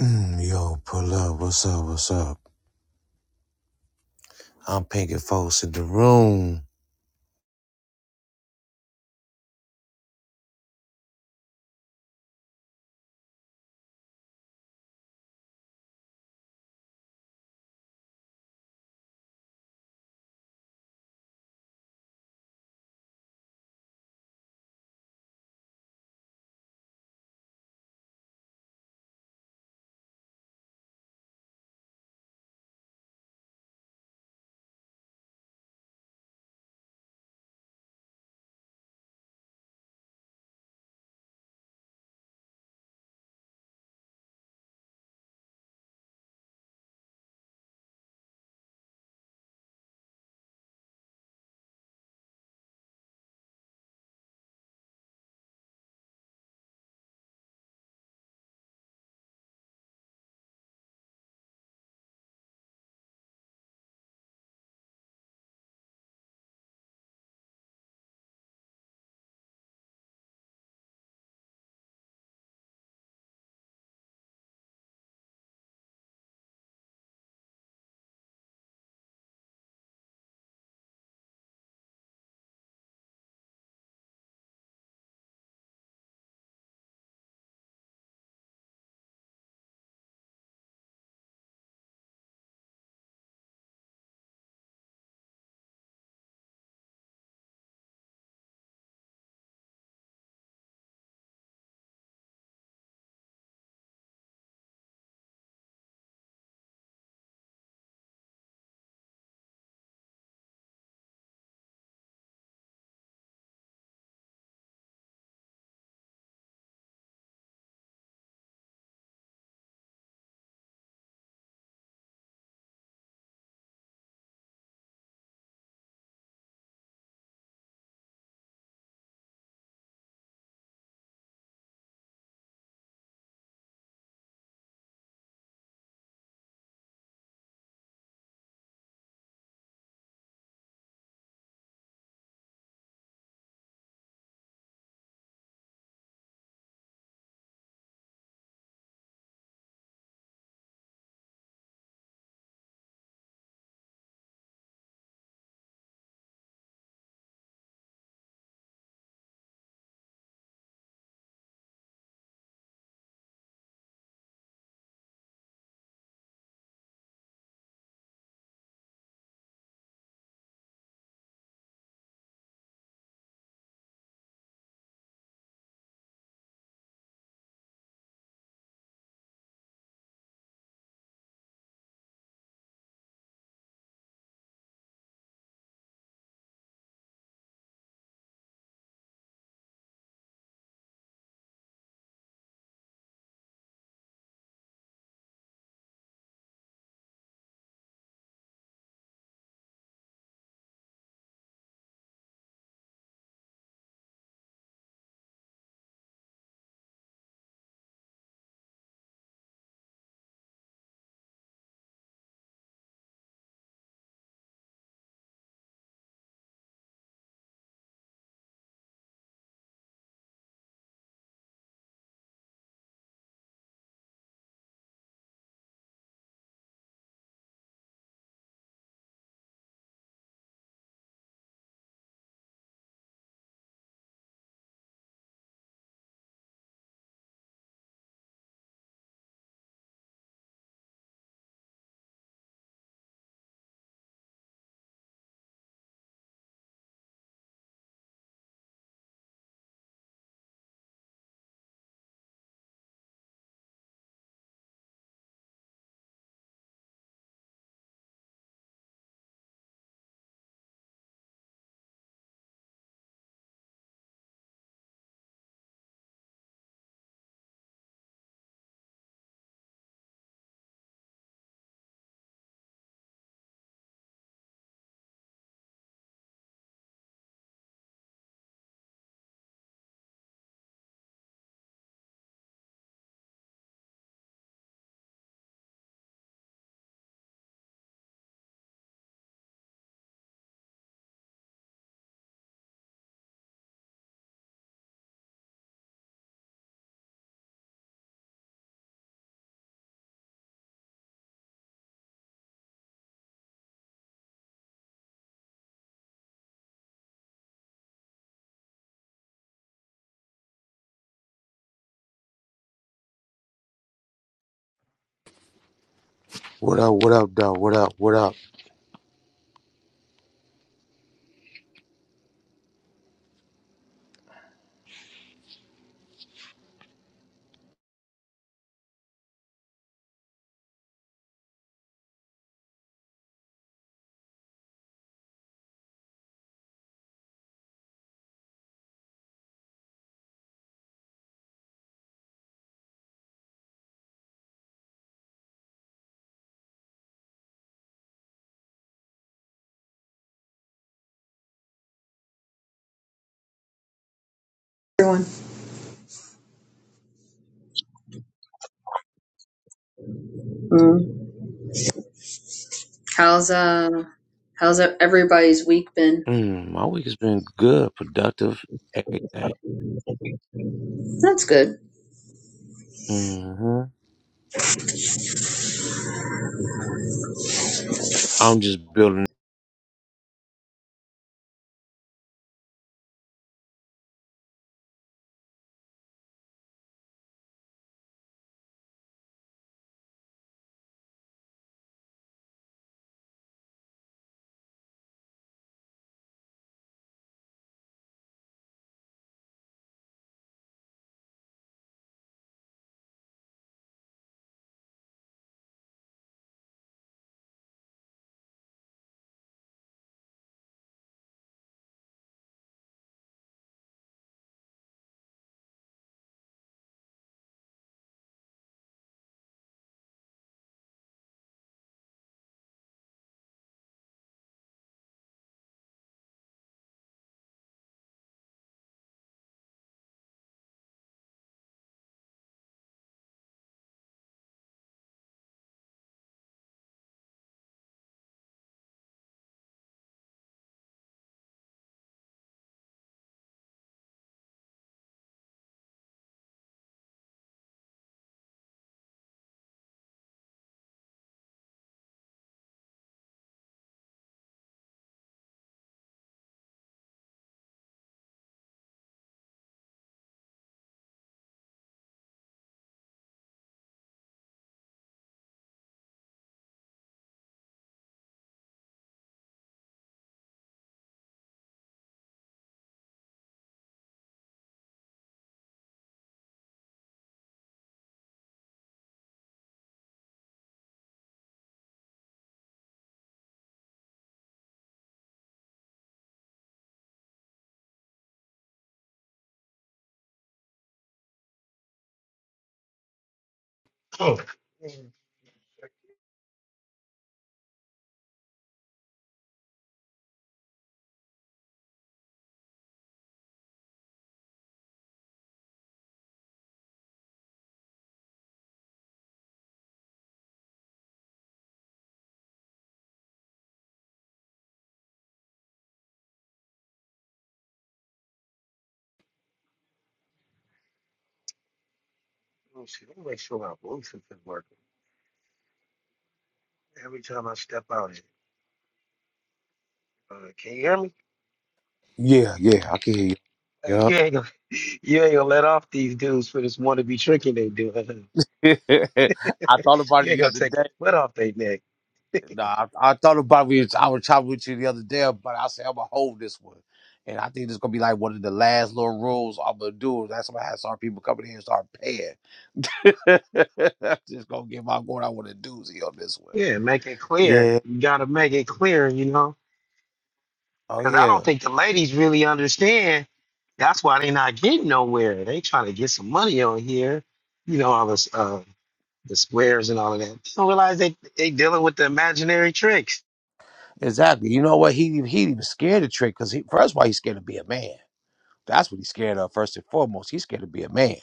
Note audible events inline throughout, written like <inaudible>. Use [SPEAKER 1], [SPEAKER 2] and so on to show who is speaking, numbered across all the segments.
[SPEAKER 1] Mm, yo, pull up. What's up? What's up? I'm Pinky Folks in the room. What up? What up, dog? What up? What up?
[SPEAKER 2] everyone. Mm. How's uh how's everybody's week been?
[SPEAKER 1] Mm, my week has been good, productive, everything.
[SPEAKER 2] That's good.
[SPEAKER 1] hmm I'm just building.
[SPEAKER 3] Oh, man, check the Bluetooth. Let me make sure my Bluetooth is working. Every time I step out, it- uh, can you hear me?
[SPEAKER 1] Yeah, yeah, I can hear you.
[SPEAKER 3] Uh, you
[SPEAKER 1] Yup.
[SPEAKER 3] ain't gonna, <laughs> you ain't gonna let off these dudes for this wannabe tricking they do. <laughs>
[SPEAKER 1] <laughs> I thought about
[SPEAKER 3] you
[SPEAKER 1] it
[SPEAKER 3] ain't
[SPEAKER 1] the
[SPEAKER 3] gonna
[SPEAKER 1] other
[SPEAKER 3] take your
[SPEAKER 1] day.
[SPEAKER 3] foot off their neck. <laughs>
[SPEAKER 1] Nah, I, I thought about it. I was chatting with you the other day, but I said I'm gonna hold this one, and I think it's gonna be like one of the last little rules I'm gonna do. That's why I have some people coming in and start paying. <laughs> I'm just gonna give my going. I want a doozy on this one.
[SPEAKER 3] yeah, make it clear.
[SPEAKER 1] Yeah.
[SPEAKER 3] You gotta make it clear, you know,
[SPEAKER 1] Oh
[SPEAKER 3] because I
[SPEAKER 1] yeah.
[SPEAKER 3] don't think the ladies really understand. That's why they not getting nowhere. They trying to get some money on here, you know, all this, uh, the squares and all of that. They don't realize they they dealing with the imaginary tricks.
[SPEAKER 1] Exactly. You know what? He he even scared of Trick because he first of all he's scared to be a man. That's what he's scared of first and foremost. He's scared to be a man.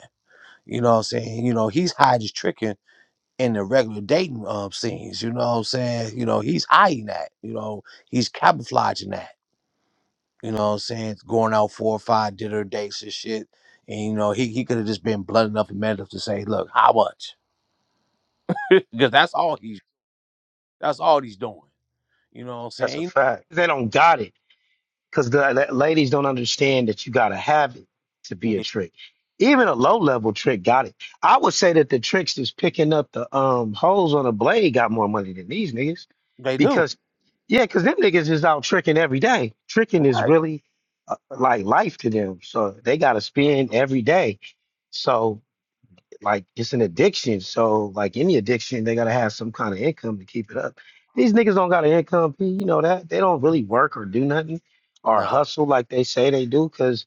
[SPEAKER 1] You know what I'm saying? You know he's hiding tricking in the regular dating um scenes. You know what I'm saying? You know he's hiding that. You know he's camouflaging that. You know what I'm saying? Going out four or five dinner dates and shit. And you know he, he could have just been blunt enough and man enough to say, look, how much? <laughs> Because that's all he That's all he's doing. You know what I'm
[SPEAKER 3] That's a
[SPEAKER 1] saying?
[SPEAKER 3] fact. They don't got it because the, the ladies don't understand that you got to have it to be a trick. Even a low level trick got it. I would say that the tricks that's picking up the um holes on a blade got more money than these niggas
[SPEAKER 1] They do.
[SPEAKER 3] because yeah, because them niggas is out tricking every day. Tricking is
[SPEAKER 1] Right.
[SPEAKER 3] really uh, like life to them, so they got to spend every day. So like it's an addiction. So like any addiction, they gotta have some kind of income to keep it up. These niggas don't got an income, P, you know that. They don't really work or do nothing or
[SPEAKER 1] Nah.
[SPEAKER 3] hustle like they say they do, cause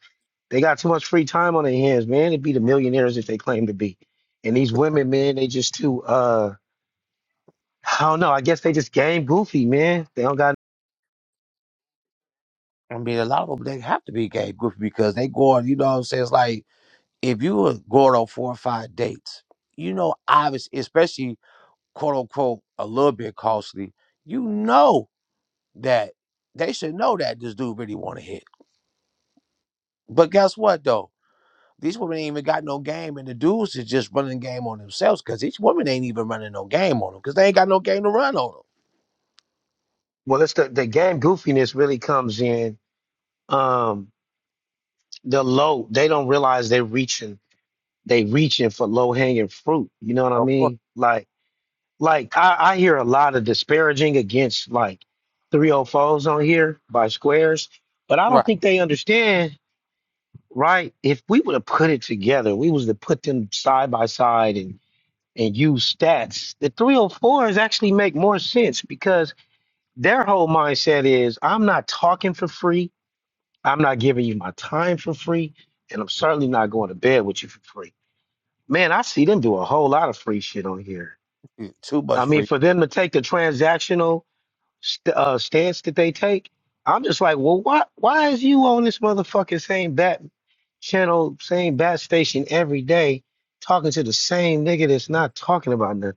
[SPEAKER 3] they got too much free time on their hands, man. It'd be the millionaires if they claim to be. And these women, man, they just too uh I don't know. I guess they just game goofy, man. They don't got
[SPEAKER 1] I mean, a lot of them, they have to be gay goofy because they go on, you know what I'm saying? It's like, if you were going on four or five dates, you know, obviously, especially quote unquote, a little bit costly, you know that they should know that this dude really want to hit. But guess what, though? These women ain't even got no game, and the dudes is just running game on themselves because these women ain't even running no game on them because they ain't got no game to run on them.
[SPEAKER 3] well it's the, the game goofiness really comes in um the low. They don't realize they're reaching. they reaching for low hanging fruit. You know what I
[SPEAKER 1] Of course.
[SPEAKER 3] mean? Like, like I, I hear a lot of disparaging against like 304s on here by squares, but I don't
[SPEAKER 1] Right.
[SPEAKER 3] think they understand, right? If we would have put it together, we was to put them side by side and and use stats, the 304s actually make more sense because their whole mindset is I'm not talking for free, I'm not giving you my time for free, and I'm certainly not going to bed with you for free Man, I see them do a whole lot of free shit on here.
[SPEAKER 1] Yeah, Too
[SPEAKER 3] I
[SPEAKER 1] much
[SPEAKER 3] mean,
[SPEAKER 1] free.
[SPEAKER 3] for them to take the transactional st- uh, stance that they take, I'm just like, well, why? Why is you on this motherfucking same bat channel, same bat station every day, talking to the same nigga that's not talking about nothing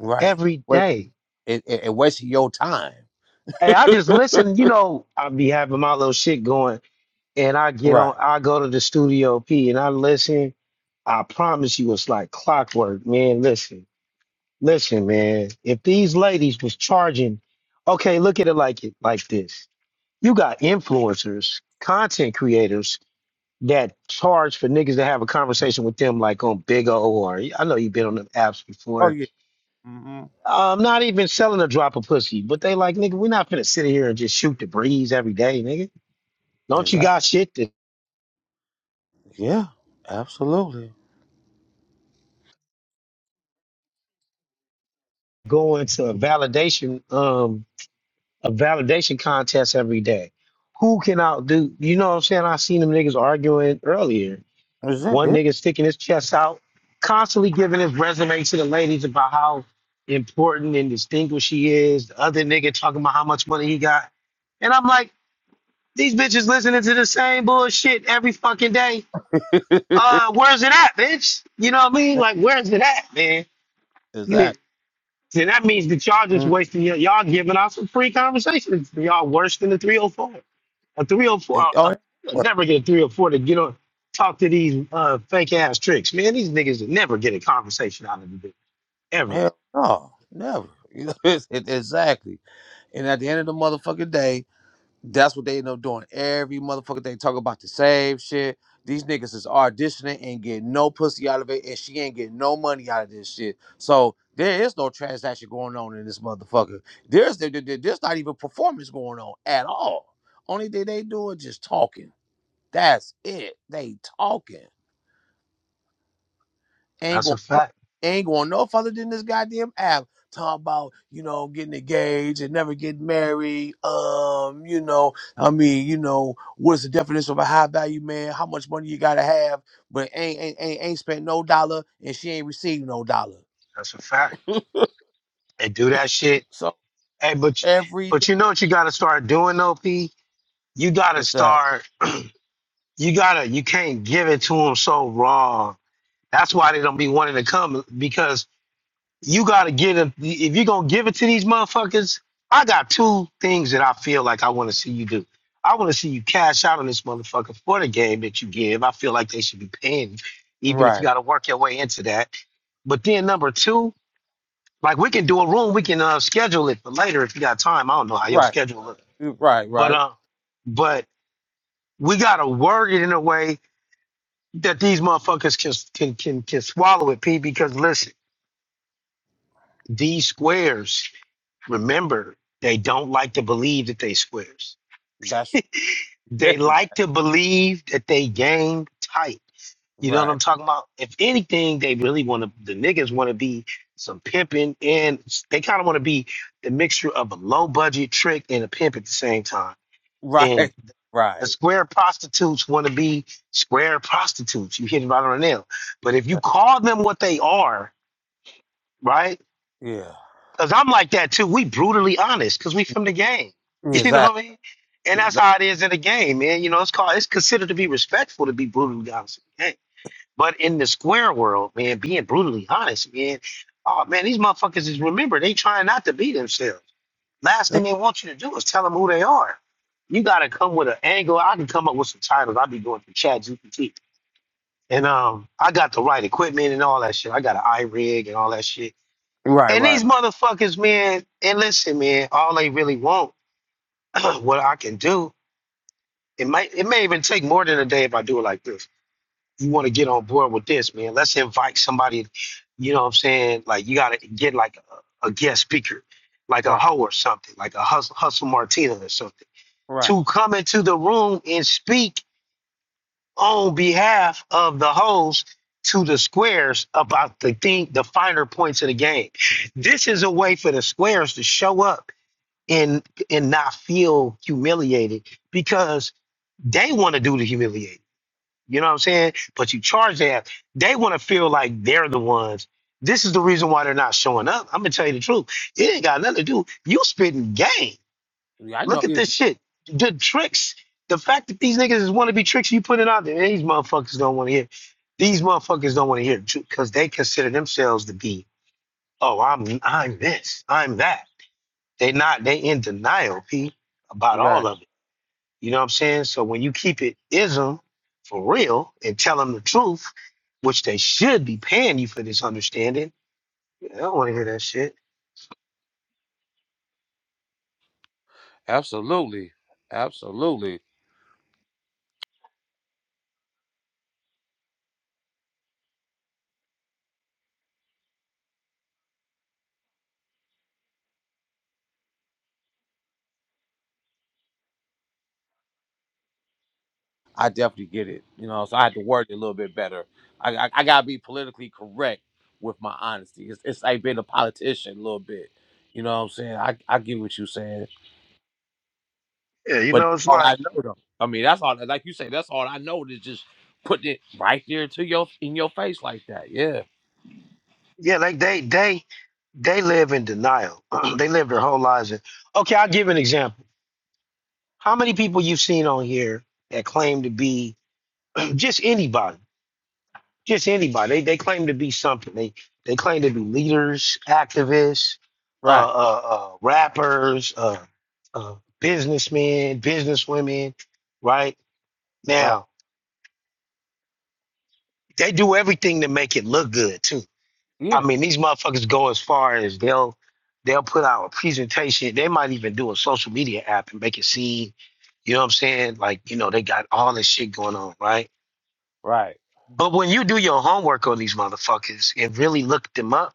[SPEAKER 1] Right.
[SPEAKER 3] every
[SPEAKER 1] Wa-
[SPEAKER 3] day?
[SPEAKER 1] It, it, it wasted your time.
[SPEAKER 3] Hey, I just
[SPEAKER 1] <laughs>
[SPEAKER 3] listen. You know, I be having my little shit going, and I get on.
[SPEAKER 1] Right.
[SPEAKER 3] I go to the studio P, and I listen. I promise you, it's like clockwork, man. Listen. Listen, man, if these ladies was charging, okay, look at it like it like this. You got influencers, content creators that charge for niggas to have a conversation with them like on Big O or I know you've been on them apps
[SPEAKER 1] Oh
[SPEAKER 3] before.
[SPEAKER 1] yeah. hmm
[SPEAKER 3] I'm not even selling a drop of pussy, but they like, nigga, we're not finna sit here and just shoot the breeze every day, nigga. Don't
[SPEAKER 1] Is
[SPEAKER 3] you got shit to
[SPEAKER 1] Yeah. Absolutely.
[SPEAKER 3] go into a validation, um, a validation contest every day? Who can outdo? You know what I'm saying? I seen them niggas arguing earlier One
[SPEAKER 1] Exactly. that?
[SPEAKER 3] nigga sticking his chest out, constantly giving his resume to the ladies about how important and distinguished he is. The other nigga talking about how much money he got. And I'm like, these bitches listening to the same bullshit every fucking day.
[SPEAKER 1] Yeah.
[SPEAKER 3] Uh, where's it at, bitch? You know what I mean? Like, where's it at, man?
[SPEAKER 1] <laughs> Is
[SPEAKER 3] You, and that means that y'all just
[SPEAKER 1] Mm,
[SPEAKER 3] wasting your, y'all giving out some free conversations. Y'all worse than the 304. A three or four,
[SPEAKER 1] it,
[SPEAKER 3] I,
[SPEAKER 1] oh it-
[SPEAKER 3] will
[SPEAKER 1] what?
[SPEAKER 3] never get a three or four to get on, talk to these uh, fake ass tricks. Man, these niggas will never get a conversation out of the bitch, ever.
[SPEAKER 1] hell no, never. <laughs> You know, it's, it, exactly. And at the end of the motherfucking day. That's what they end up doing every motherfucker. They talk about the same shit. These niggas is auditioning and get no pussy out of it, and she ain't getting no money out of this shit. So there is no transaction going on in this motherfucker. There's there- there- there's not even performance going on at all. Only thing they do is just talking. That's it. They talking ain't
[SPEAKER 3] That's
[SPEAKER 1] going
[SPEAKER 3] a
[SPEAKER 1] no,
[SPEAKER 3] fact.
[SPEAKER 1] ain't going no further than this goddamn app. Talk about you know getting engaged and never getting married. Um, you know, I mean, you know, what's the definition of a high value man? How much money you gotta have? But ain't ain't ain't, ain't spent no dollar and she ain't received no dollar.
[SPEAKER 3] That's a fact. They do that shit.
[SPEAKER 1] So
[SPEAKER 3] Hey, but you-
[SPEAKER 1] every
[SPEAKER 3] but
[SPEAKER 1] day,
[SPEAKER 3] you know what you got to start doing, though, P? You got to
[SPEAKER 1] what's that?
[SPEAKER 3] start. You gotta. You can't give it to them so raw. That's why they don't be wanting to come because you gotta get it. If you're gonna give it to these motherfuckers, I got two things that I feel like I want to see you do. I want to see you cash out on this motherfucker for the game that you give. I feel like they should be paying you, even if you
[SPEAKER 1] Right,
[SPEAKER 3] got to work your way into that. But then number two, like we can do a room, we can uh, schedule it for later if you got time. I don't know how your
[SPEAKER 1] right,
[SPEAKER 3] schedule look,
[SPEAKER 1] right,
[SPEAKER 3] but
[SPEAKER 1] right.
[SPEAKER 3] uh, but we gotta word it in a way that these motherfuckers can can can can swallow it, P. Because listen, these squares. Remember, they don't like to believe that they squares.
[SPEAKER 1] That's <laughs>
[SPEAKER 3] They like to believe that they game tight. You know what
[SPEAKER 1] right,
[SPEAKER 3] I'm talking about? If anything, they really want to. The niggas want to be some pimping, and they kind of want to be the mixture of a low budget trick and a pimp at the same time. And
[SPEAKER 1] right,
[SPEAKER 3] the
[SPEAKER 1] right.
[SPEAKER 3] square prostitutes want to be square prostitutes. You hit it right on the nail. But if you call them what they are, right?
[SPEAKER 1] Yeah,
[SPEAKER 3] Cause I'm like that too. We brutally honest because we from the game. <laughs> You know
[SPEAKER 1] exactly.
[SPEAKER 3] what I mean? And that's
[SPEAKER 1] exactly.
[SPEAKER 3] how it is in the game, man. You know, it's called it's considered to be respectful to be brutally honest in the game. But in the square world, man, being brutally honest, man, oh man, these motherfuckers is remember they trying not to be themselves. Last thing they want you to do is tell them who they are. You gotta come with an angle. I can come up with some titles. I'll be going through Chat GPT. And um I got the right equipment and all that shit. I got an iRig and all that shit
[SPEAKER 1] Right,
[SPEAKER 3] and
[SPEAKER 1] right,
[SPEAKER 3] these motherfuckers, man, and listen, man, all they really want, <clears throat> what I can do, it might it may even take more than a day if I do it like this. You want to get on board with this, man. Let's invite somebody, you know what I'm saying? Like you gotta get like a, a guest speaker, like a
[SPEAKER 1] right,
[SPEAKER 3] hoe or something, like a hustle hustle Martina or something,
[SPEAKER 1] right.
[SPEAKER 3] to come into the room and speak on behalf of the hoes to the squares about the thing, the finer points of the game. This is a way for the squares to show up and and not feel humiliated because they want to do the humiliating. You know what I'm saying? But you charge that. They want to feel like they're the ones. This is the reason why they're not showing up. I'm gonna tell you the truth. It ain't got nothing to do. You spitting game.
[SPEAKER 1] Yeah, I know
[SPEAKER 3] Look at this
[SPEAKER 1] it.
[SPEAKER 3] shit. The tricks. The fact that these niggas want to be tricks you putting out there. These motherfuckers don't want to hear. These motherfuckers don't want to hear because they consider themselves to be. Oh, I'm I'm this. I'm that. They not they in denial, P, about
[SPEAKER 1] Right.
[SPEAKER 3] all of it. You know what I'm saying? So when you keep it ism for real and tell them the truth, which they should be paying you for this understanding. yeah, I don't want to hear that shit.
[SPEAKER 1] Absolutely. Absolutely. I definitely get it. You know, so I had to word it a little bit better. I, I, I gotta be politically correct with my honesty. It's, it's like being a politician a little bit. You know what I'm saying? I, I get what you're saying,
[SPEAKER 3] Yeah, you
[SPEAKER 1] but that's
[SPEAKER 3] know, it's
[SPEAKER 1] all I
[SPEAKER 3] like,
[SPEAKER 1] know though. I mean, that's all. Like you say, that's all I know is just putting it right there to your in your face like that. Yeah.
[SPEAKER 3] yeah, like they they they live in denial. <clears throat> they live their whole lives in. Okay, I'll give an example. How many people you've seen on here that claim to be <clears throat> just anybody? just anybody. They, they claim to be something. They they claim to be leaders, activists, uh,
[SPEAKER 1] Right.
[SPEAKER 3] uh, uh, rappers, uh, uh, businessmen, businesswomen, right?
[SPEAKER 1] Right.
[SPEAKER 3] Now they do everything to make it look good too. I
[SPEAKER 1] Yeah.
[SPEAKER 3] mean, these motherfuckers go as far as they'll they'll put out a presentation. They might even do a social media app and make it seem, you know what I'm saying? Like you know they got all this shit going on, right?
[SPEAKER 1] Right.
[SPEAKER 3] But when you do your homework on these motherfuckers and really look them up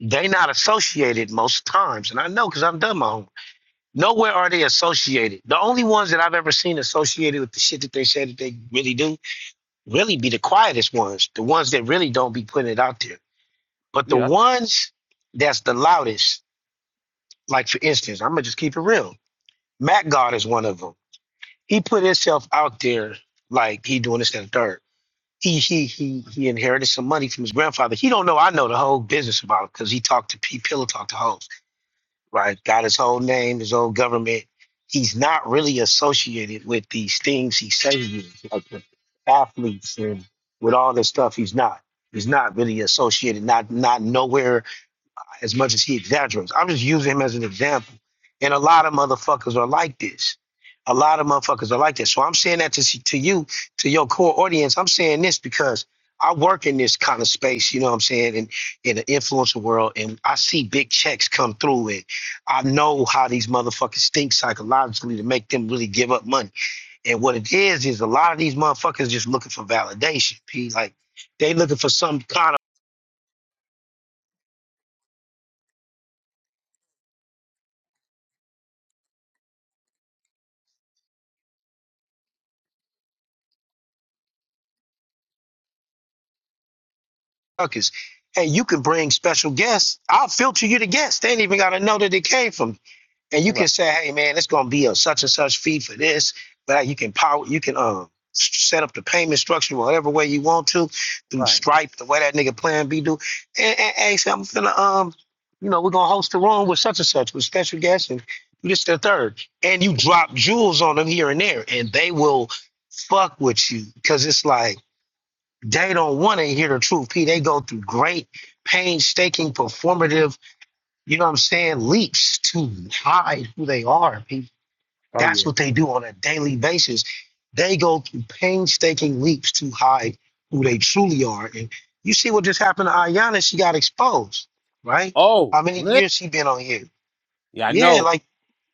[SPEAKER 3] they not associated most times and i know because i've done my homework nowhere are they associated the only ones that i've ever seen associated with the shit that they say that they really do really be the quietest ones the ones that really don't be putting it out there but the
[SPEAKER 1] Yeah.
[SPEAKER 3] ones that's the loudest like for instance i'm gonna just keep it real matt god is one of them he put himself out there like he doing this and the third he he he he inherited some money from his grandfather he don't know i know the whole business about it because he talked to p pillow talked to hoes right? Got his own name, his own government. He's not really associated with these things he says he is, like the athletes and with all this stuff. He's not. He's not really associated. Not not nowhere as much as he exaggerates. I'm just using him as an example. And a lot of motherfuckers are like this. A lot of motherfuckers are like this. So I'm saying that to to you, to your core audience. I'm saying this because I work in this kind of space. You know what I'm saying? And in the influencer world, and I see big checks come through, and I know how these motherfuckers think psychologically to make them really give up money. And what it is is a lot of these motherfuckers just looking for validation. P like they looking for some kind of. Ruckus. And you can bring special guests. I'll filter you to guests. They ain't even got to know that it came from. me. And you
[SPEAKER 1] Right.
[SPEAKER 3] can say, hey, man, it's going to be a such and such fee for this. But you can power, you can um, set up the payment structure whatever way you want to through
[SPEAKER 1] Right.
[SPEAKER 3] Stripe, the way that nigga Plan B do. And, and, and say, I'm finna, um, you know, we're going to host a room with such and such with special guests and you just the third. And you drop jewels on them here and there and they will fuck with you because it's like, they don't want to hear the truth. P, they go through great, painstaking, performative, you know what I'm saying, leaps to hide who they are. P,
[SPEAKER 1] Oh
[SPEAKER 3] that's
[SPEAKER 1] yeah.
[SPEAKER 3] what they do on a daily basis. They go through painstaking leaps to hide who they truly are. And you see what just happened to Ayanna. she got exposed, right?
[SPEAKER 1] Oh.
[SPEAKER 3] How many
[SPEAKER 1] man.
[SPEAKER 3] years she been on here?
[SPEAKER 1] Yeah. I
[SPEAKER 3] Yeah,
[SPEAKER 1] know.
[SPEAKER 3] like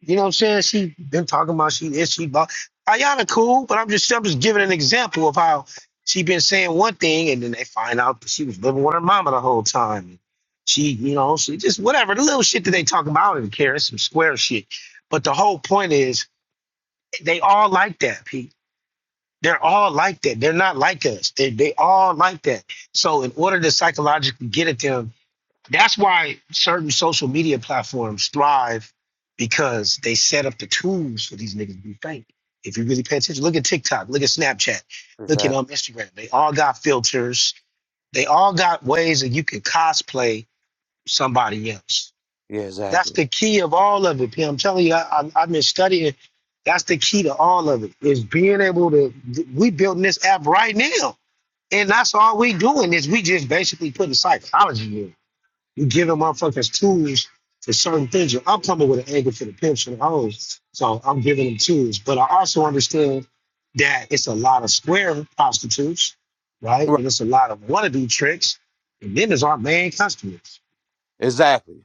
[SPEAKER 3] you know what I'm saying? She been talking about she is she bought Ayana cool, but I'm just I'm just giving an example of how she been saying one thing and then they find out she was living with her mama the whole time. She, you know, she just whatever the little shit that they talk about and care, it's some square shit. But the whole point is they all like that, Pete. They're all like that. They're not like us. They they all like that. So in order to psychologically get at them, that's why certain social media platforms thrive because they set up the tools for these niggas to be fake. If you really pay attention, look at TikTok, look at Snapchat, look at
[SPEAKER 1] Exactly.
[SPEAKER 3] um, Instagram. They all got filters. They all got ways that you can cosplay somebody else.
[SPEAKER 1] Yeah.
[SPEAKER 3] That's
[SPEAKER 1] Exactly.
[SPEAKER 3] the key of all of it, P. I'm telling you, I, I, I've been studying. That's the key to all of it is being able to. We building this app right now, and that's all we doing is we just basically putting psychology in. You giving motherfuckers tools for certain things. I'm coming with an angle for the pimps and the hoes. So I'm giving them tools. But I also understand that it's a lot of square prostitutes, right?
[SPEAKER 1] Right.
[SPEAKER 3] And it's a lot of wannabe tricks. And then there's our main customers.
[SPEAKER 1] Exactly.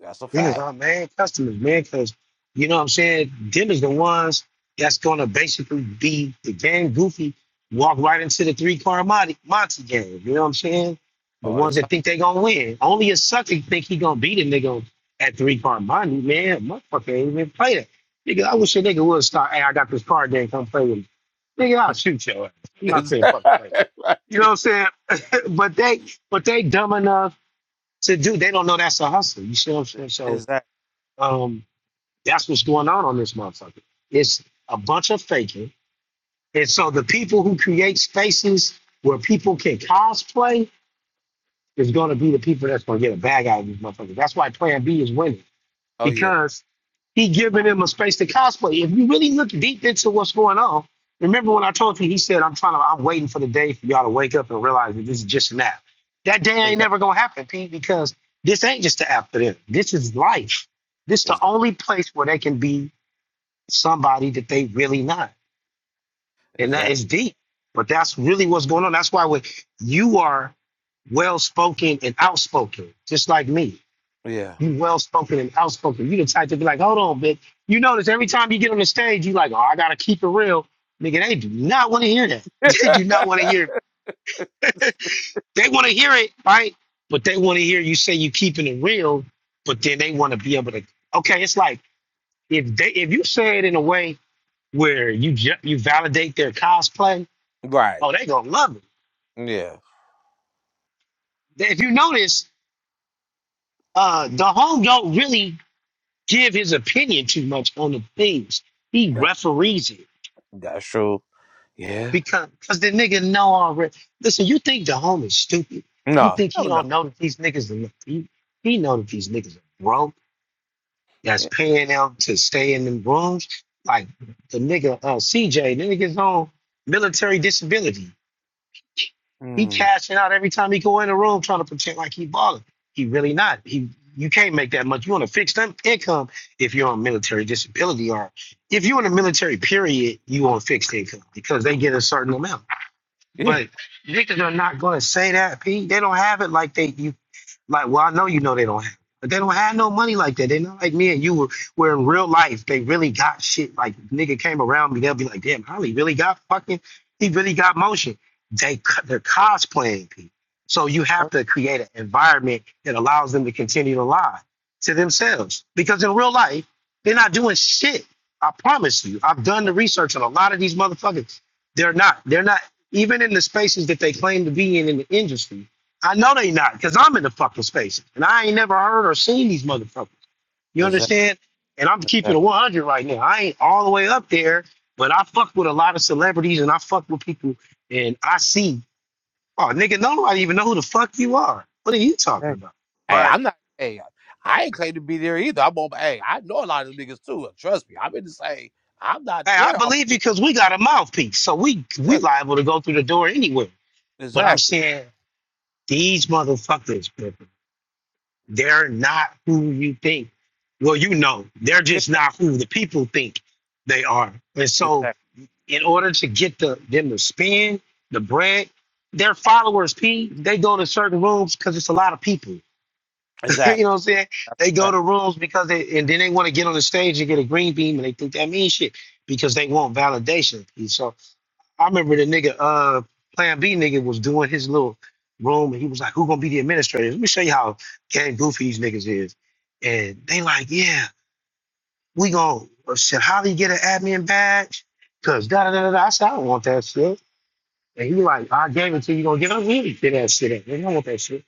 [SPEAKER 1] That's a
[SPEAKER 3] Them is
[SPEAKER 1] fact.
[SPEAKER 3] our main customers, man, because you know what I'm saying? Them is the ones that's gonna basically be the game goofy, walk right into the three car Monty, Monty game. You know what I'm saying? The
[SPEAKER 1] All the
[SPEAKER 3] ones that
[SPEAKER 1] time. <laughs>
[SPEAKER 3] think they gonna win. Only a sucker think he gonna beat a nigga at three car Monty, man. Motherfucker ain't even play that. Nigga, I wish a nigga would start, hey, I got this card game, come play with me. Nigga, I'll shoot your ass. I'm not saying fucking play.
[SPEAKER 1] Exactly.
[SPEAKER 3] You know
[SPEAKER 1] right.
[SPEAKER 3] what I'm saying? <laughs> but they but they dumb enough to do, they don't know that's a hustle. You see what I'm saying? So
[SPEAKER 1] Exactly.
[SPEAKER 3] um, that's what's going on on this motherfucker. It's a bunch of faking. And so the people who create spaces where people can cosplay is going to be the people that's going to get a bag out of these motherfuckers. That's why Plan B is winning
[SPEAKER 1] Oh yeah.
[SPEAKER 3] because he giving them a space to cosplay. If you really look deep into what's going on, remember when I told you he said I'm trying to I'm waiting for the day for y'all to wake up and realize that this is just an app. That day ain't
[SPEAKER 1] Exactly.
[SPEAKER 3] never gonna happen, Pete, because this ain't just an app for them. This is life. This is the
[SPEAKER 1] Exactly.
[SPEAKER 3] only place where they can be somebody that they really not. And that
[SPEAKER 1] exactly.
[SPEAKER 3] is deep. But that's really what's going on. That's why when you are well spoken and outspoken, just like me. You well spoken and outspoken. You the type to be like, hold on, bitch. You notice every time you get on the stage, you like, oh, I gotta keep it real. Nigga, they do not want to hear that. <laughs> They do not want to
[SPEAKER 1] Yeah.
[SPEAKER 3] hear. it. They want to hear it, right? But they want to hear you say you keeping it real, but then they want to be able to okay, it's like if they if you say it in a way where you you validate their cosplay,
[SPEAKER 1] <laughs> right.
[SPEAKER 3] Oh, they gonna love it.
[SPEAKER 1] Yeah.
[SPEAKER 3] If you notice, uh, the home don't really give his opinion too much on the things. He
[SPEAKER 1] That,
[SPEAKER 3] referees it
[SPEAKER 1] that's true. Yeah.
[SPEAKER 3] because because the nigga know already. Listen, you think the home is stupid? You
[SPEAKER 1] No.
[SPEAKER 3] think he
[SPEAKER 1] Hell no.
[SPEAKER 3] don't know that these niggas are he, he know that these niggas are broke? That's
[SPEAKER 1] Yeah.
[SPEAKER 3] paying them to stay in them rooms. Like the nigga uh, CJ, the gets on military disability. He
[SPEAKER 1] Mm,
[SPEAKER 3] cashing out every time he go in the room trying to pretend like he balling. He really not. He you can't make that much. You want a fixed in- income if you're on military disability or if you're in the military period, you on fixed income because they get a certain amount.
[SPEAKER 1] yeah.
[SPEAKER 3] But niggas are not gonna say that, P. They don't have it like they you like, well, I know you know they don't have, it. but they don't have no money like that. They're not like me and you were where in real life they really got shit. Like nigga came around me, they'll be like, damn, Holly really got fucking, he really got motion. They they're cosplaying people. So you
[SPEAKER 1] Uh,
[SPEAKER 3] have to create an environment that allows them to continue to lie to themselves. Because in real life, they're not doing shit. I promise you. I've done the research on a lot of these motherfuckers. They're not. They're not even in the spaces that they claim to be in in the industry I know they not, because I'm in the fucking space. And I ain't never heard or seen these motherfuckers.
[SPEAKER 1] Exactly.
[SPEAKER 3] You
[SPEAKER 1] exactly.
[SPEAKER 3] understand? And I'm keeping it
[SPEAKER 1] exactly.
[SPEAKER 3] 100 right now. I ain't all the way up there, but I fuck with a lot of celebrities and I fuck with people and I see, oh, nigga, nobody even know who the fuck you are. What are you talking about?
[SPEAKER 1] Hey,
[SPEAKER 3] But
[SPEAKER 1] I'm not. Hey, I ain't claim to be there either. I'm on. Hey, I know a lot of them niggas too. and Trust me. I'm in the same. I'm not
[SPEAKER 3] hey, I
[SPEAKER 1] there
[SPEAKER 3] believe you
[SPEAKER 1] always.
[SPEAKER 3] because we got a mouthpiece. So we we
[SPEAKER 1] Exactly.
[SPEAKER 3] liable to go through the door anywhere. But I'm
[SPEAKER 1] Exactly.
[SPEAKER 3] saying these motherfuckers, brother. They're not who you think. Well, you know, they're
[SPEAKER 1] Yeah,
[SPEAKER 3] just not who the people think they are. And
[SPEAKER 1] yeah.
[SPEAKER 3] so,
[SPEAKER 1] Exactly.
[SPEAKER 3] in order to get the them to spend the bread, their followers, P, they go to certain rooms because it's a lot of people. <laughs> you know
[SPEAKER 1] Exactly.
[SPEAKER 3] what I'm saying?
[SPEAKER 1] That's
[SPEAKER 3] They
[SPEAKER 1] a
[SPEAKER 3] go
[SPEAKER 1] fact.
[SPEAKER 3] to rooms because they, and then they want to get on the stage and get a green beam and they think that means shit because they want validation. P. I remember the nigga, uh, Plan B nigga was doing his little room, and he was like, "Who gonna be the administrator?" Let me show you how gang goofy these niggas is. And they like, "Yeah, we gonna should Holly get an admin badge?" Cause da da da da. da." I said, "I don't want that shit." And he like, "I gave it to you. You Gonna give it? We did that shit. up. I don't want that shit."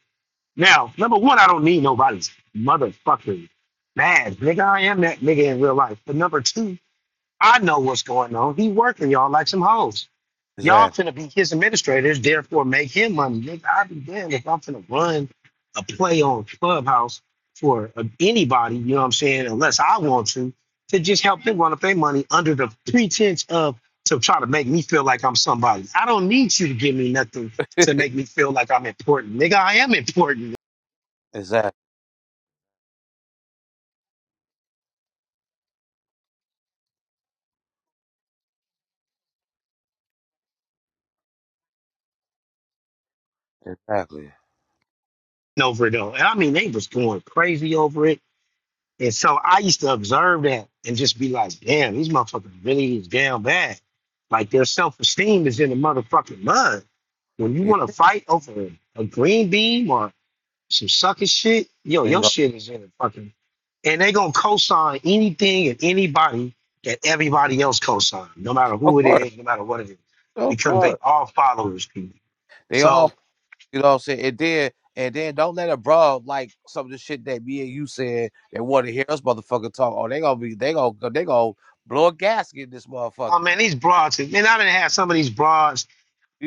[SPEAKER 3] Now, number one, I don't need nobody's motherfucking badge, nigga. I am that nigga in real life. But number two, I know what's going on. He working y'all like some hoes. Y'all
[SPEAKER 1] Exactly.
[SPEAKER 3] finna be his administrators, therefore make him money. Nigga, I'd be damned if I'm finna run a play on Clubhouse for uh, anybody, you know what I'm saying, unless I want to, to just help them run up their money under the pretense of to try to make me feel like I'm somebody. I don't need you to give me nothing
[SPEAKER 1] <laughs>
[SPEAKER 3] to make me feel like I'm important. Nigga, I am important
[SPEAKER 1] Exactly. Exactly.
[SPEAKER 3] over it though. And I mean they was going crazy over it And so I used to observe that and just be like, damn, these motherfuckers really is damn bad. Like their self esteem is in the motherfucking mud. When you
[SPEAKER 1] Yeah,
[SPEAKER 3] want to fight over a green beam or some sucker shit, yo,
[SPEAKER 1] you
[SPEAKER 3] your
[SPEAKER 1] know,
[SPEAKER 3] shit is in the fucking. And they gonna co-sign anything and anybody that everybody else co-sign, no matter
[SPEAKER 1] of
[SPEAKER 3] who it
[SPEAKER 1] course,
[SPEAKER 3] is, no matter what it is,
[SPEAKER 1] of
[SPEAKER 3] because they
[SPEAKER 1] course.
[SPEAKER 3] all followers, people.
[SPEAKER 1] They
[SPEAKER 3] So,
[SPEAKER 1] all, you know, what I'm saying, and then and then don't let it bro like some of the shit that me and you said they want to hear us motherfucker talk. Oh, they gonna be, they gonna, they gonna blow a gasket in this
[SPEAKER 3] oh man,
[SPEAKER 1] motherfucker.
[SPEAKER 3] these broads, man, I didn't have some of these broads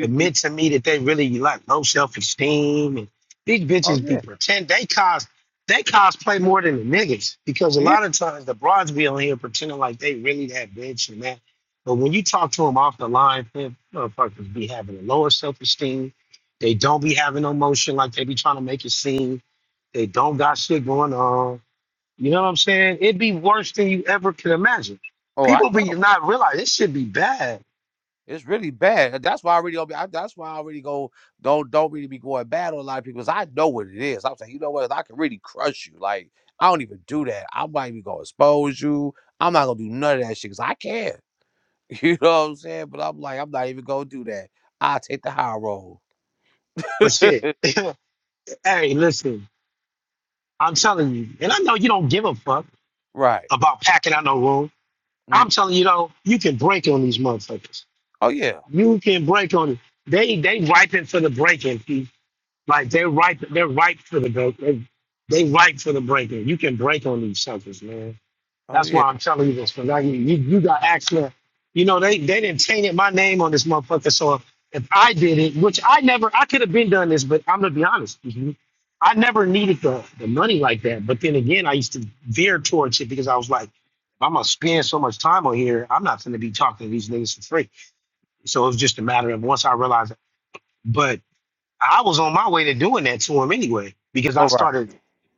[SPEAKER 3] admit to me that they really like low self esteem and these
[SPEAKER 1] oh
[SPEAKER 3] bitches be
[SPEAKER 1] yeah,
[SPEAKER 3] pretend they cause they cosplay more than the niggas because a
[SPEAKER 1] yeah.
[SPEAKER 3] lot of times the broads be on here pretending like they really that bitch and that. But when you talk to them off the line, them motherfuckers be having a lower self esteem. They don't be having no motion like they be trying to make it seem. They don't got shit going on. You know what I'm saying? It'd be worse than you ever could imagine.
[SPEAKER 1] Oh, I
[SPEAKER 3] People
[SPEAKER 1] know.
[SPEAKER 3] be not realize this should be bad.
[SPEAKER 1] It's really bad. That's why I really don't be. I, that's why I really go don't don't really be going bad on a lot of people. Cause I know what it is. I'm saying, you know what? I can really crush you. Like I don't even do that. I'm not even gonna expose you. I'm not gonna do none of that shit because I can. <laughs> You know what I'm saying? But I'm like, I'm not even gonna do that. I take the high road. <laughs>
[SPEAKER 3] But shit, <laughs> hey, listen. I'm telling you, and I know you don't give a fuck
[SPEAKER 1] Right.
[SPEAKER 3] about packing out no room.
[SPEAKER 1] Mm.
[SPEAKER 3] I'm telling you though, you can break on these motherfuckers.
[SPEAKER 1] Oh yeah.
[SPEAKER 3] You can break on it. They they ripen for the breaking. P. Like they're ripe. They're ripe for the break. They, they ripe for the breaking. You can break on these suckers, man.
[SPEAKER 1] Oh
[SPEAKER 3] That's
[SPEAKER 1] yeah.
[SPEAKER 3] why I'm telling you this, because I, you, you got actually, you know, they, they didn't tainted my name on this motherfucker. So if, if I did it, which I never, I could have been done this, but I'm going to be honest. with I never needed the, the money like that. But then again, I used to veer towards it because I was like, if I'm going to spend so much time on here, I'm not going to be talking to these niggas for free. So it was just a matter of once I realized it. I was on my way to doing that to him anyway because I
[SPEAKER 1] Oh right.
[SPEAKER 3] started.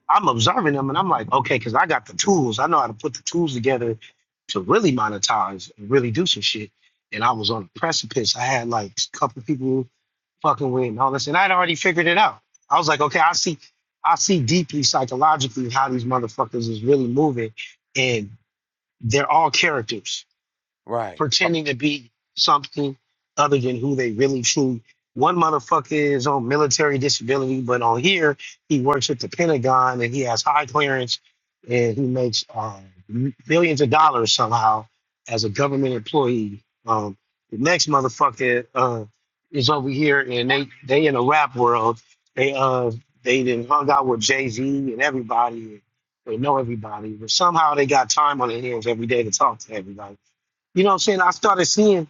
[SPEAKER 3] I'm observing him and I'm like, okay, because I got the tools. I know how to put the tools together to really monetize and really do some shit. And I was on the precipice. I had like a couple people fucking with and all this, and I'd already figured it out. I was like, okay, I see, I see deeply psychologically how these motherfuckers is really moving, and they're all characters
[SPEAKER 1] Right. Oh,
[SPEAKER 3] pretending to be something other than who they really truly. One motherfucker is on military disability, but on here he works at the Pentagon and he has high clearance and he makes uh, millions of dollars somehow as a government employee. Um, the next motherfucker uh, is over here and they they in the rap world. They uh they then hung out with Jay Z and everybody. They know everybody, but somehow they got time on their hands every day to talk to everybody you know what I'm saying? I started seeing,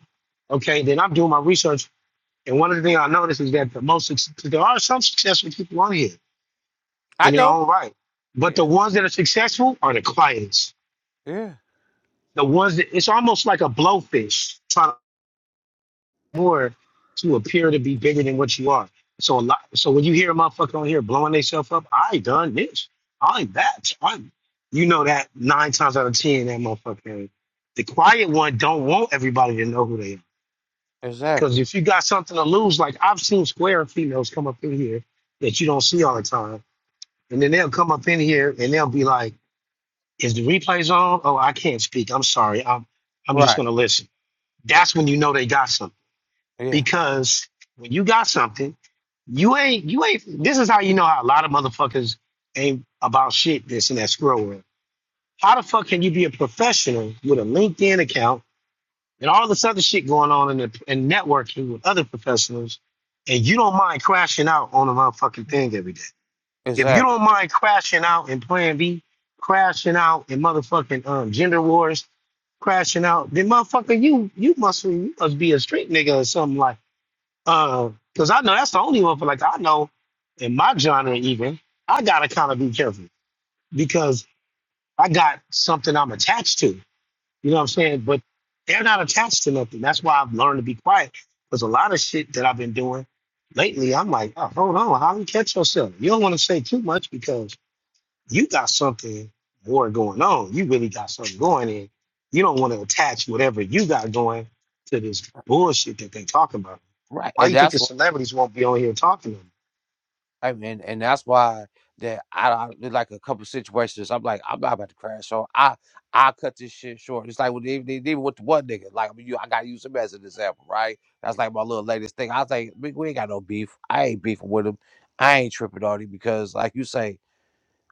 [SPEAKER 3] okay, then I'm doing my research. And one of the things I noticed is that the most, suc- there are some successful people on here
[SPEAKER 1] I
[SPEAKER 3] in their
[SPEAKER 1] know.
[SPEAKER 3] own right. But the
[SPEAKER 1] Yeah.
[SPEAKER 3] ones that are successful are the quietest.
[SPEAKER 1] Yeah.
[SPEAKER 3] The ones that, it's almost like a blowfish trying to more to appear to be bigger than what you are. So a lot, so when you hear a motherfucker on here blowing themselves up, I done this, I'm that, I'm, you know that nine times out of 10, that motherfucker. The quiet one don't want everybody to know who they are. Because
[SPEAKER 1] Exactly.
[SPEAKER 3] if you got something to lose, like I've seen square females come up in here that you don't see all the time, and then they'll come up in here and they'll be like, "Is the replays on? Oh, I can't speak. I'm sorry. I'm I'm just
[SPEAKER 1] Right.
[SPEAKER 3] gonna listen." That's when you know they got something
[SPEAKER 1] Yeah.
[SPEAKER 3] because when you got something, you ain't you ain't. This is how you know how a lot of motherfuckers ain't about shit. This and that scroll world. How the fuck can you be a professional with a LinkedIn account? and all this other shit going on in the in networking with other professionals, and you don't mind crashing out on a motherfucking thing every day. If you
[SPEAKER 1] Exactly.
[SPEAKER 3] don't mind crashing out in Plan B, crashing out in motherfucking um, gender wars, crashing out, then motherfucker, you you must you must be a street nigga or something like. Uh, Cause I know that's the only one. For like I know, in my genre even, I gotta kind of be careful because I got something I'm attached to. You know what I'm saying? But they're not attached to nothing. That's why I've learned to be quiet. Because a lot of shit that I've been doing lately, I'm like, oh, hold on, how do you catch yourself? You don't want to say too much because you got something more going on. You really got something going in. You don't want to attach whatever you got going to this bullshit that they talk about.
[SPEAKER 1] Right.
[SPEAKER 3] Why
[SPEAKER 1] And
[SPEAKER 3] you think
[SPEAKER 1] that's
[SPEAKER 3] the
[SPEAKER 1] why.
[SPEAKER 3] celebrities won't be on here talking to them?
[SPEAKER 1] I mean, and that's why that I, I there's like a couple situations. I'm like, I'm not about to crash, so I I cut this shit short. It's like with even even with the one nigga, like I mean, you, I gotta use him as an example, right? That's like my little latest thing. I was like, "Nigga, we ain't got no beef. I ain't beefing with him. I ain't tripping on him because, like you say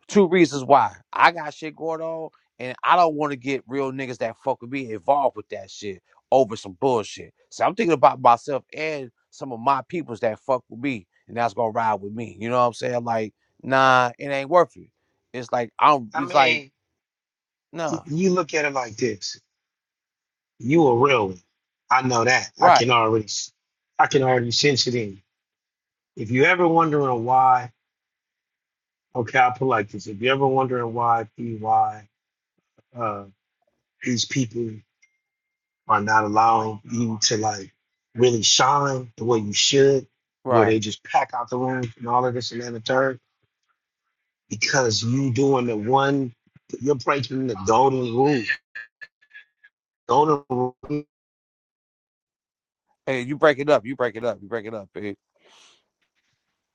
[SPEAKER 1] two reasons why. I got shit going on, and I don't want to get real niggas that fuck with me involved with that shit over some bullshit. So I'm thinking about myself and some of my peoples that fuck with me, and that's gonna ride with me. You know what I'm saying? Like, nah, it ain't worth it. It's like I'm.
[SPEAKER 3] I
[SPEAKER 1] It's like
[SPEAKER 3] mean, y-
[SPEAKER 1] nah.
[SPEAKER 3] you look at it like this. You a real one. I know that. I can
[SPEAKER 1] Right,
[SPEAKER 3] already, I can already sense it in you. If you ever wondering why, okay, I'll put it like this. If you're ever wondering why why uh, these people are not allowing you to like really shine the way you should, where they
[SPEAKER 1] right.
[SPEAKER 3] just pack out the room and all of this and that and the third, because you doing the one, you're breaking the golden rule. Golden rule
[SPEAKER 1] Hey, you break it up. You break it up. You break it up. Hey,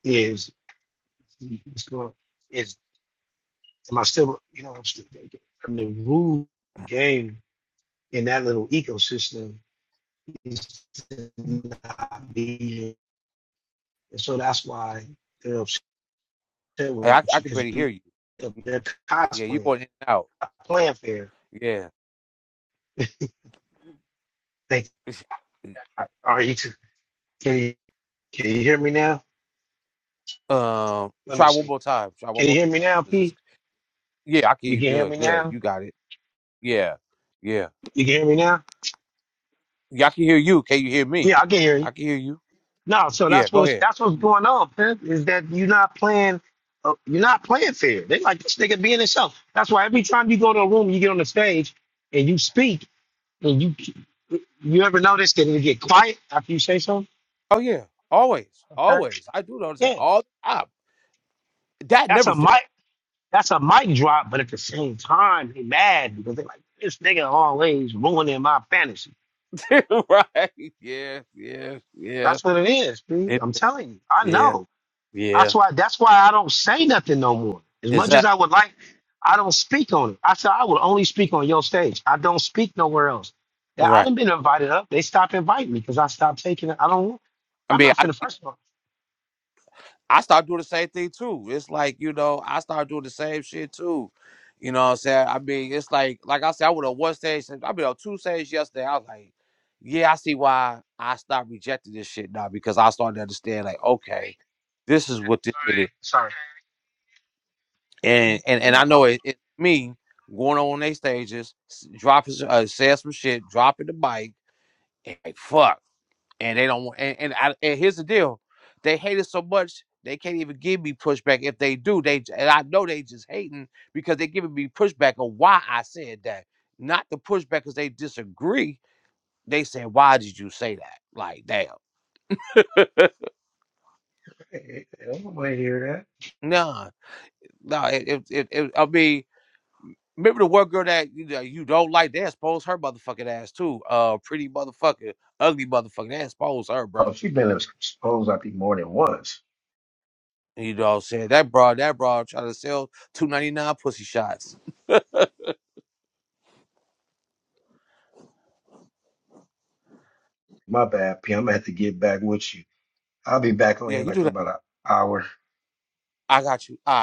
[SPEAKER 3] is, is, is am I still, you know, I'm still, I'm the rule game in that little ecosystem not being. And so that's why they're upset with
[SPEAKER 1] hey, I, I
[SPEAKER 3] you
[SPEAKER 1] can
[SPEAKER 3] because
[SPEAKER 1] barely hear you.
[SPEAKER 3] they're
[SPEAKER 1] Yeah, you
[SPEAKER 3] cosplaying,
[SPEAKER 1] going in and out.
[SPEAKER 3] not playing fair.
[SPEAKER 1] Yeah.
[SPEAKER 3] They
[SPEAKER 1] <laughs> I-
[SPEAKER 3] are you too? Can you can you hear me now?
[SPEAKER 1] Um,
[SPEAKER 3] Let me
[SPEAKER 1] try one
[SPEAKER 3] see.
[SPEAKER 1] more time. Try one
[SPEAKER 3] Can you
[SPEAKER 1] more
[SPEAKER 3] hear me
[SPEAKER 1] time.
[SPEAKER 3] now,
[SPEAKER 1] 'Cause it's
[SPEAKER 3] P?
[SPEAKER 1] Yeah, I can hear
[SPEAKER 3] You
[SPEAKER 1] you
[SPEAKER 3] can hear me
[SPEAKER 1] good. Good.
[SPEAKER 3] now.
[SPEAKER 1] You got it. Yeah. Yeah.
[SPEAKER 3] You can hear me now.
[SPEAKER 1] Yeah, I can hear you. Can you hear me?
[SPEAKER 3] Yeah, I can hear you.
[SPEAKER 1] I can hear you.
[SPEAKER 3] No, so
[SPEAKER 1] Yeah,
[SPEAKER 3] that's
[SPEAKER 1] go
[SPEAKER 3] what's
[SPEAKER 1] ahead.
[SPEAKER 3] that's what's going on, Pimp, is that you're not playing uh, you're not playing fair. They like this nigga being himself. That's why every time you go to a room, you get on the stage and you speak. And you you ever notice that it get quiet after you say something?
[SPEAKER 1] Oh yeah. Always. Always. I do notice that
[SPEAKER 3] Yeah.
[SPEAKER 1] all the time. That
[SPEAKER 3] That's
[SPEAKER 1] never
[SPEAKER 3] a mic that's a mic drop, but at the same time they mad because they like this nigga always ruining my fantasy.
[SPEAKER 1] fails. <laughs> right. Yeah, yeah, yeah.
[SPEAKER 3] That's what it is, dude.
[SPEAKER 1] It
[SPEAKER 3] I'm telling you. I
[SPEAKER 1] yeah,
[SPEAKER 3] know.
[SPEAKER 1] yeah.
[SPEAKER 3] That's why that's why I don't say nothing no more. As much as
[SPEAKER 1] Exactly.
[SPEAKER 3] I would like, I don't speak on it. I said I will only speak on your stage. I don't speak nowhere else. Yeah, I
[SPEAKER 1] Right.
[SPEAKER 3] done been invited up. They stopped inviting me because I stopped taking it. I don't
[SPEAKER 1] I
[SPEAKER 3] I'm
[SPEAKER 1] mean
[SPEAKER 3] not finna
[SPEAKER 1] I
[SPEAKER 3] first of all.
[SPEAKER 1] I started doing the same thing too. It's like, you know, I started doing the same shit too. You know what I'm saying? I mean, it's like, like I said, I went on one stage, I mean, on two stages yesterday. I was like, yeah, I see why I stopped rejecting this shit now because I started to understand, like, okay, this is what this shit is.
[SPEAKER 3] Sorry. Sorry.
[SPEAKER 1] And and, and
[SPEAKER 3] No,
[SPEAKER 1] I know
[SPEAKER 3] I'm
[SPEAKER 1] it, it's me going on their stages, s- dropping, s- uh, saying some shit, dropping the mic, and like, fuck and they don't want. And and, I, and here's the deal: they hate it so much they can't even give me pushback. If they do, they j- and I know they just hating because they giving me pushback on why I said that, not the pushback because they disagree. They say, "Why did you say that?" Like, damn,
[SPEAKER 3] Hey, I don't want to hear
[SPEAKER 1] nah, no. If if, if I mean. Remember the one girl that you, know, you don't like? They expose her motherfucking ass too. Uh, pretty motherfucker, ugly motherfucker. They expose her,
[SPEAKER 3] that. Oh,
[SPEAKER 1] bro.
[SPEAKER 3] she's been exposed, I think, more than once.
[SPEAKER 1] You know what I'm saying? That broad, that broad trying to sell two ninety nine pussy shots.
[SPEAKER 3] My bad, P. I'm going to have to get back with you. I'll be back on
[SPEAKER 1] Yeah,
[SPEAKER 3] here
[SPEAKER 1] you do
[SPEAKER 3] like in
[SPEAKER 1] that.
[SPEAKER 3] about an hour.
[SPEAKER 1] I got you. All right.